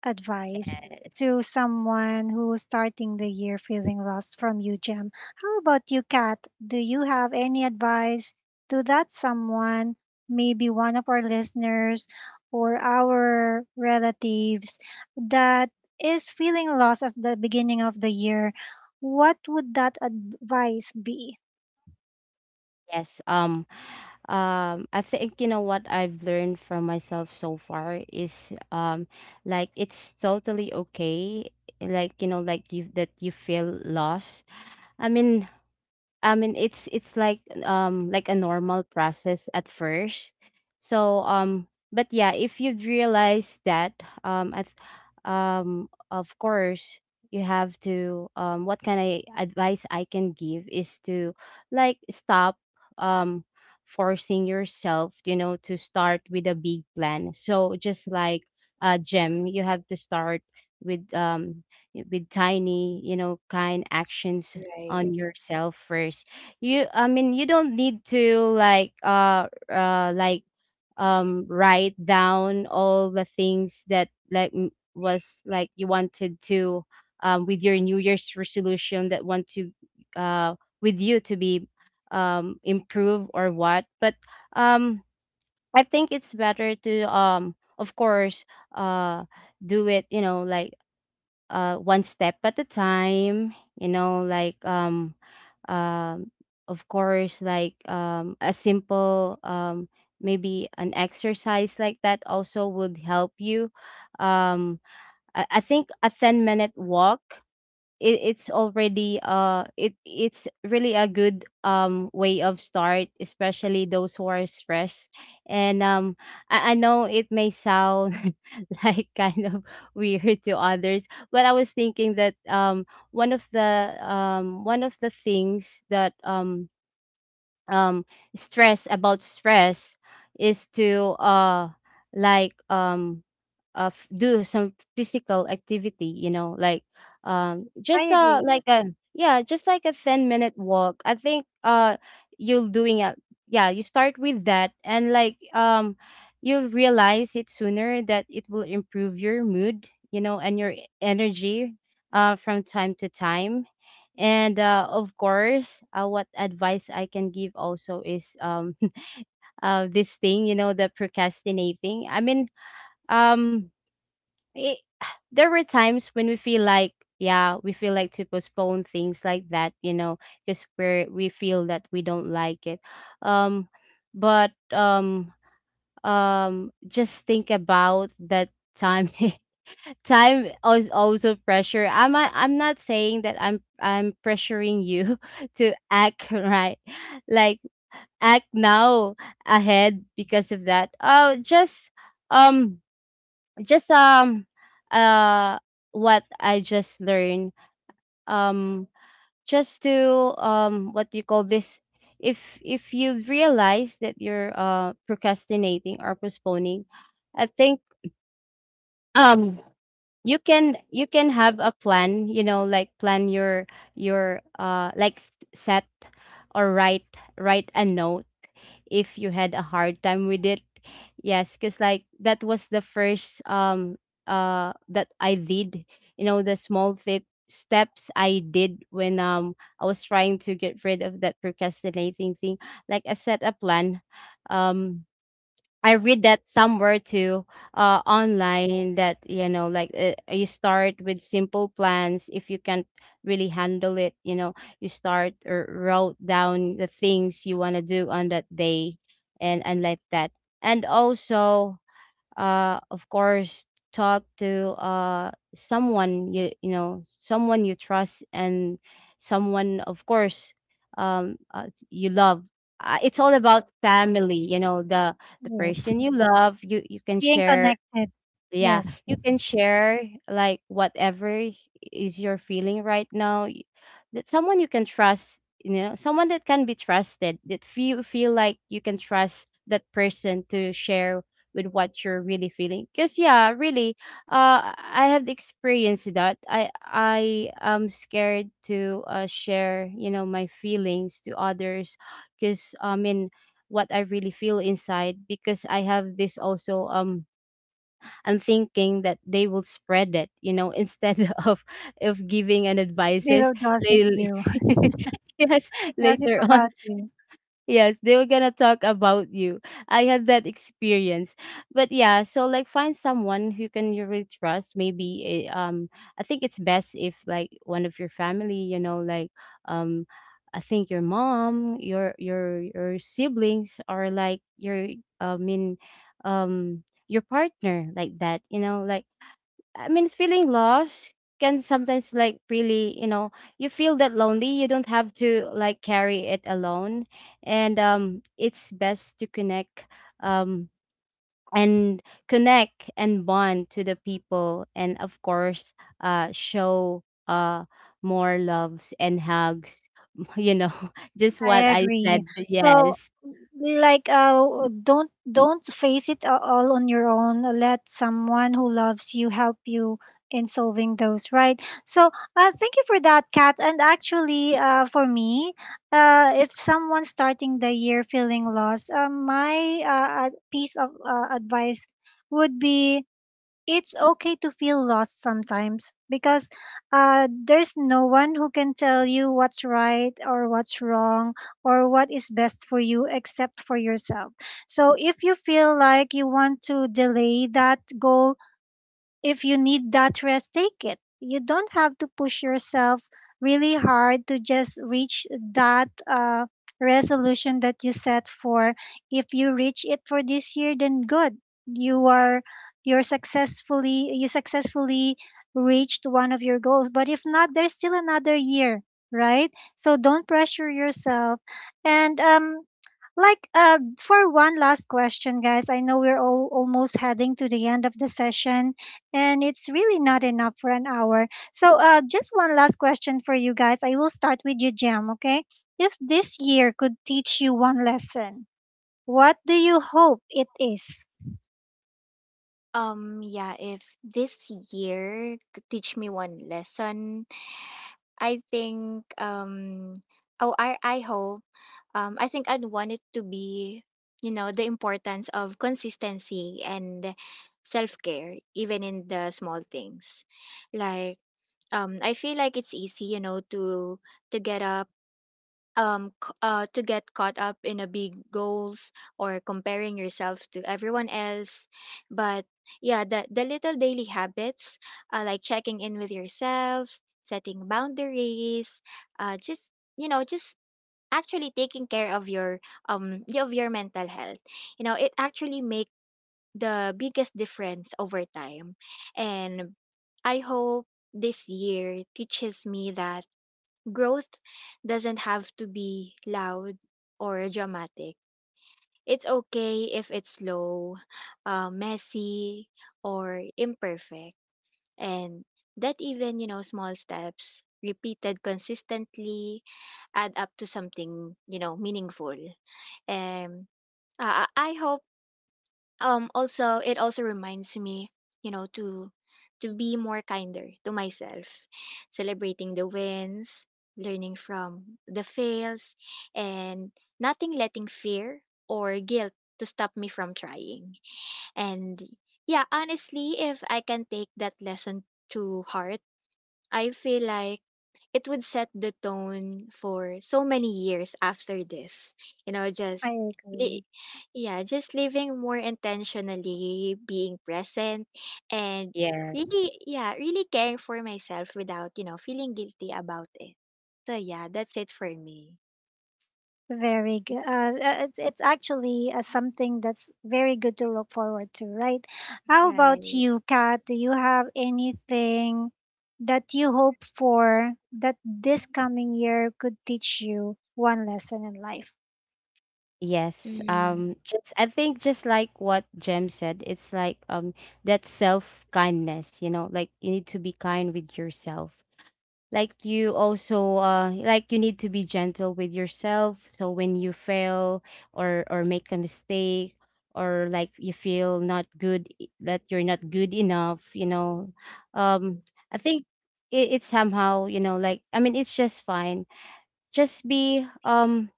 S1: advice to someone who's starting the year feeling lost, from you, Jem. How about you, Kat? Do you have any advice to that someone, maybe one of our listeners or our relatives that is feeling lost at the beginning of the year? What would that advice be?
S3: yes. I think, you know, what I've learned from myself so far is, like it's totally okay. Like, you know, like you that you feel lost. I mean, I mean, it's like a normal process at first. So but yeah, if you realize that at of course you have to what kind of advice I can give is to like stop, um forcing yourself, you know, to start with a big plan. So just like, uh, Gem, you have to start with, with tiny, you know, kind actions on
S2: Right.
S3: yourself first. You I mean you don't need to like write down all the things that like m- was like you wanted to, with your new year's resolution that want to, uh, with you to be, improve or what. But um I think it's better to, um, of course, uh, do it, you know, like, one step at a time, you know, um, of course, like, a simple, maybe an exercise like that also would help you. Um, I think a 10 minute walk, it's already, uh, it's really a good, um, way of start, especially those who are stressed. And I know it may sound like kind of weird to others, but I was thinking that, um, one of the things that, um stress about stress is to, uh, like, do some physical activity, you know, like,
S1: I
S3: just,
S1: agree.
S3: like a yeah, just like a 10 minute walk. I think, you're doing it. Yeah, you start with that, and like, you'll realize it sooner that it will improve your mood, you know, and your e- energy, from time to time. And, of course, what advice I can give also is, this thing, you know, the procrastinating. I mean, um, it, there were times when we feel like, yeah, we feel like to postpone things like that, you know, because we feel that we don't like it. Um but Just think about that time time is also pressure. I'm not saying that I'm pressuring you to act right, like act now ahead because of that. Oh, just, um just um uh what I just learned, um just to, um, what do you call this, if you realize that you're, uh, procrastinating or postponing, I think, um you can have a plan, you know, like plan your, uh, like s- set or write, write a note if you had a hard time with it. Yes, because like that was the first, that I did. You know, the small tip steps I did when, um, I was trying to get rid of that procrastinating thing. Like, I set a plan. Um, I read that somewhere too, online, that you know, like, you start with simple plans. If you can't really handle it, you know, you start or wrote down the things you want to do on that day, and like that. And also, uh, of course, talk to, uh, someone you know, someone you trust, and someone, of course, you love. Uh, it's all about family, you know, the
S1: Yes.
S3: person you love, you can
S1: Being
S3: share.
S1: connected.
S3: Yeah,
S1: Yes.
S3: you can share like whatever is your feeling right now. Y- That someone you can trust, you know, someone that can be trusted. That feel like you can trust that person to share with, what you're really feeling. Cause yeah, really, I have experienced that. I am scared to, uh, share, you know, my feelings to others, cause I mean what I really feel inside. Because I have this also, um, I'm thinking that they will spread it, you know, instead of of giving an
S1: They
S3: advices.
S1: will do
S3: They
S1: you.
S3: yes,
S1: Gossip
S3: later on.
S1: about you.
S3: Yes, they were gonna talk about you. I had that experience, but yeah. So like, find someone who can you really trust. Maybe eh, I think it's best if, like, one of your family, you know, like, um, I think your mom, your your siblings, or like your I mean, your partner, like that. You know, like, I mean, feeling lost can sometimes, like, really, you know, you feel that lonely. You don't have to, like, carry it alone, and, it's best to connect, um, and connect and bond to the people, and of course, show, uh, more loves and hugs. You know, just what
S1: I
S3: I
S1: agree.
S3: said.
S1: So,
S3: Yes.
S1: like, don't face it all on your own. Let someone who loves you help you in solving those, right? So thank you for that, Kat. And actually, for me, if someone's starting the year feeling lost, my piece of advice would be, it's okay to feel lost sometimes, because there's no one who can tell you what's right or what's wrong or what is best for you except for yourself. So if you feel like you want to delay that goal, if you need that rest, take it. You don't have to push yourself really hard to just reach that resolution that you set for. If you reach it for this year, then good. You are you successfully reached one of your goals. But if not, there's still another year, right? So don't pressure yourself. And like, for one last question, guys, I know we're all almost heading to the end of the session, and it's really not enough for an hour. So, just one last question for you guys. I will start with you, Jam. Okay, if this year could teach you one lesson, what do you hope it is?
S2: Yeah, if this year could teach me one lesson, I think um oh I hope I think I'd want it to be, you know, the importance of consistency and self-care even in the small things. Like I feel like it's easy, you know, to get caught up in a big goals or comparing yourself to everyone else. But yeah, the little daily habits, like checking in with yourself, setting boundaries, just, you know, just actually taking care of your of your mental health, you know, it actually make the biggest difference over time. And I hope this year teaches me that growth doesn't have to be loud or dramatic. It's okay if it's slow, messy, or imperfect. And that even, you know, small steps repeated consistently add up to something, you know, meaningful. And I hope also it also reminds me, you know, to be more kinder to myself, celebrating the wins, learning from the fails, and nothing letting fear or guilt to stop me from trying. And yeah, honestly, if I can take that lesson to heart, I feel like it would set the tone for so many years after this. You know,
S1: I agree.
S2: li- yeah, just living more intentionally, being present, and
S3: Yes.
S2: really, yeah, really caring for myself without, you know, feeling guilty about it. So yeah, that's it for me.
S1: Very good. It's actually something that's very good to look forward to, right? How about
S2: Right.
S1: you, Kat? Do you have anything that you hope for, that this coming year could teach you one lesson in life?
S3: Yes.
S2: Mm,
S3: Um, just I think just like what Jem said, it's like, um, that self kindness, you know, like you need to be kind with yourself. Like, you also, uh, like you need to be gentle with yourself. So when you fail, or make a mistake, or like you feel not good, I- that you're not good enough, you know. Um, I think it's somehow, you know, like, I mean, it's just fine. Just be,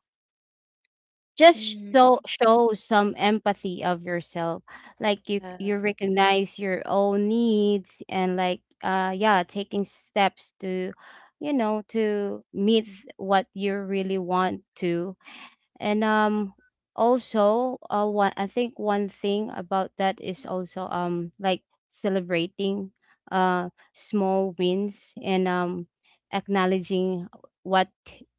S3: just
S2: mm,
S3: so show some empathy of yourself. Like, you
S2: yeah.
S3: recognize your own needs, and like, uh, yeah, taking steps to, you know, to meet what you really want to. And, um, also, uh, one, I think one thing about that is also, um, like celebrating, uh, small wins, and, um, acknowledging what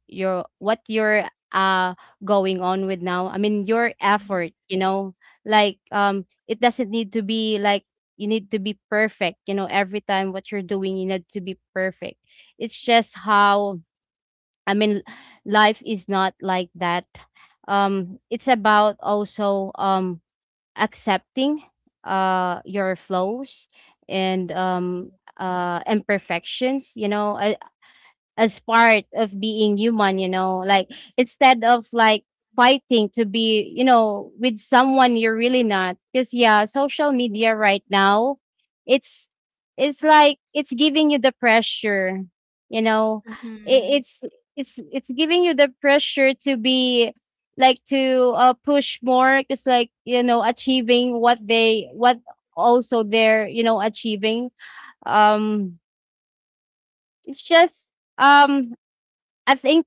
S3: you're, uh, going on with now. I mean, your effort, you know, like, it doesn't need to be like you need to be perfect, you know, every time what you're doing you need to be perfect. It's just how, I mean, life is not like that. It's about also, um, accepting, uh, your flows and, um, uh, imperfections. You know, as part of being human, you know, like, instead of like fighting to be, you know, with someone you're really not. Because yeah, social media right now, it's it's giving you the pressure, you know.
S2: Mm-hmm.
S3: It, it's giving you the pressure to be like, to, uh, push more because, like, you know, achieving what they, what also they're, you know, achieving. Um it's just um I think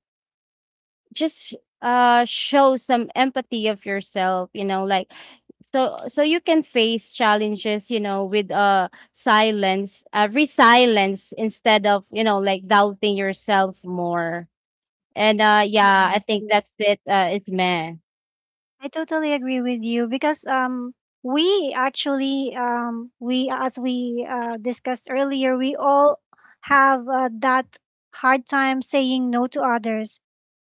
S3: just, uh, show some empathy of yourself, you know, like, so so you can face challenges, you know, with, uh, silence, uh, resilience, instead of, you know, like doubting yourself more. And, uh, yeah, I think that's it. Uh, it's, man.
S1: I totally agree with you, because we actually, we, as we discussed earlier, we all have that hard time saying no to others.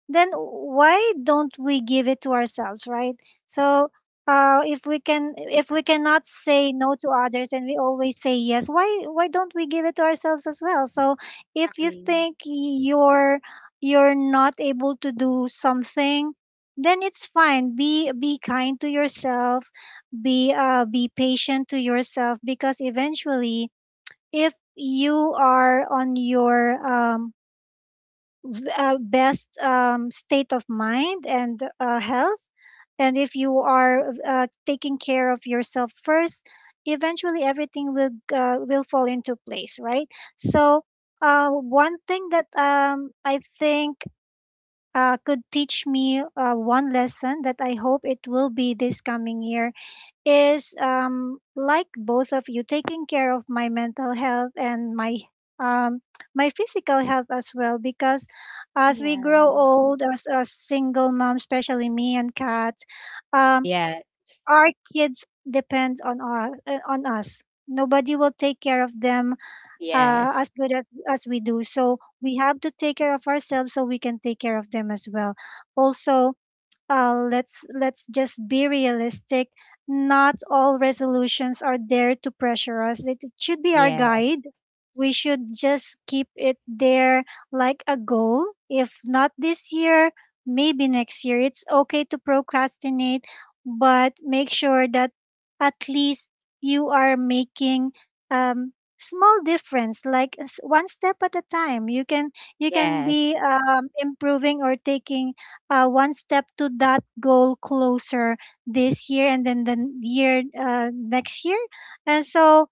S1: Then why don't we give it to ourselves, right? So if we cannot say no to others and we always say yes, why don't we give it to ourselves as well? So if you
S2: Exactly.
S1: think you're not able to do something, then it's fine. Be kind to yourself. Be be patient to yourself, because eventually, if you are on your best state of mind and health. And if you are taking care of yourself first, eventually everything will fall into place, right? So one thing that I think could teach me one lesson that I hope it will be this coming year is, like both of you, taking care of my mental health and um, my physical health as well, because as we grow
S2: Yeah.
S1: old as a single mom, especially me and Kat, um,
S3: Yes,
S1: our kids depend on our on us. Nobody will take care of them
S3: yes,
S1: as good as we do, so we have to take care of ourselves so we can take care of them as well. Also, let's just be realistic. Not all resolutions are there to pressure us. It should be our
S3: yes,
S1: guide. We should just keep it there, like a goal. If not this year, maybe next year. It's okay to procrastinate, but make sure that at least you are making um, small difference, like one step at a time. You can
S3: yes,
S1: be improving, or taking one step to that goal closer this year, and then the year next year. And so,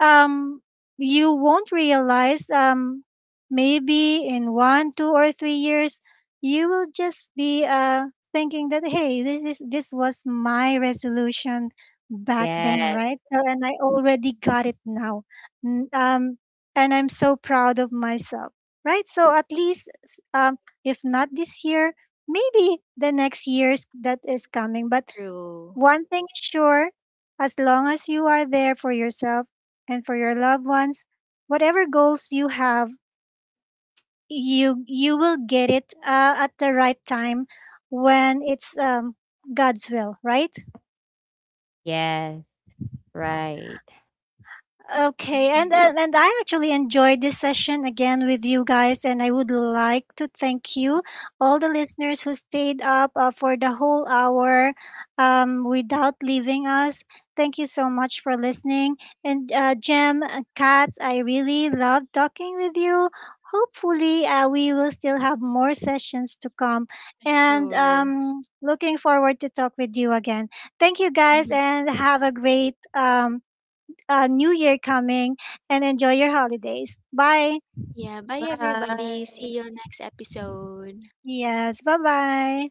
S1: um, you won't realize, maybe in one, 2 or 3 years, you will just be thinking that, hey, this was my resolution back then,
S3: yes,
S1: right? So, and I already got it now. N- um, and I'm so proud of myself, right? So at least, if not this year, maybe the next years that is coming, but
S2: True.
S1: one thing is sure: as long as you are there for yourself and for your loved ones, whatever goals you have, you will get it at the right time, when it's God's will, right?
S3: yes, right,
S1: Okay, and uh,
S2: Mm-hmm.
S1: and I actually enjoyed this session again with you guys, and I would like to thank you, all the listeners who stayed up for the whole hour, without leaving us. Thank you so much for listening, and Jem, Katz, I really love talking with you. Hopefully, we will still have more sessions to come, and
S2: Sure.
S1: looking forward to talk with you again. Thank you guys, and have a great new year coming and enjoy your holidays. Bye.
S2: Yeah, bye everybody. See
S3: bye.
S2: you next episode.
S1: Yes, bye bye.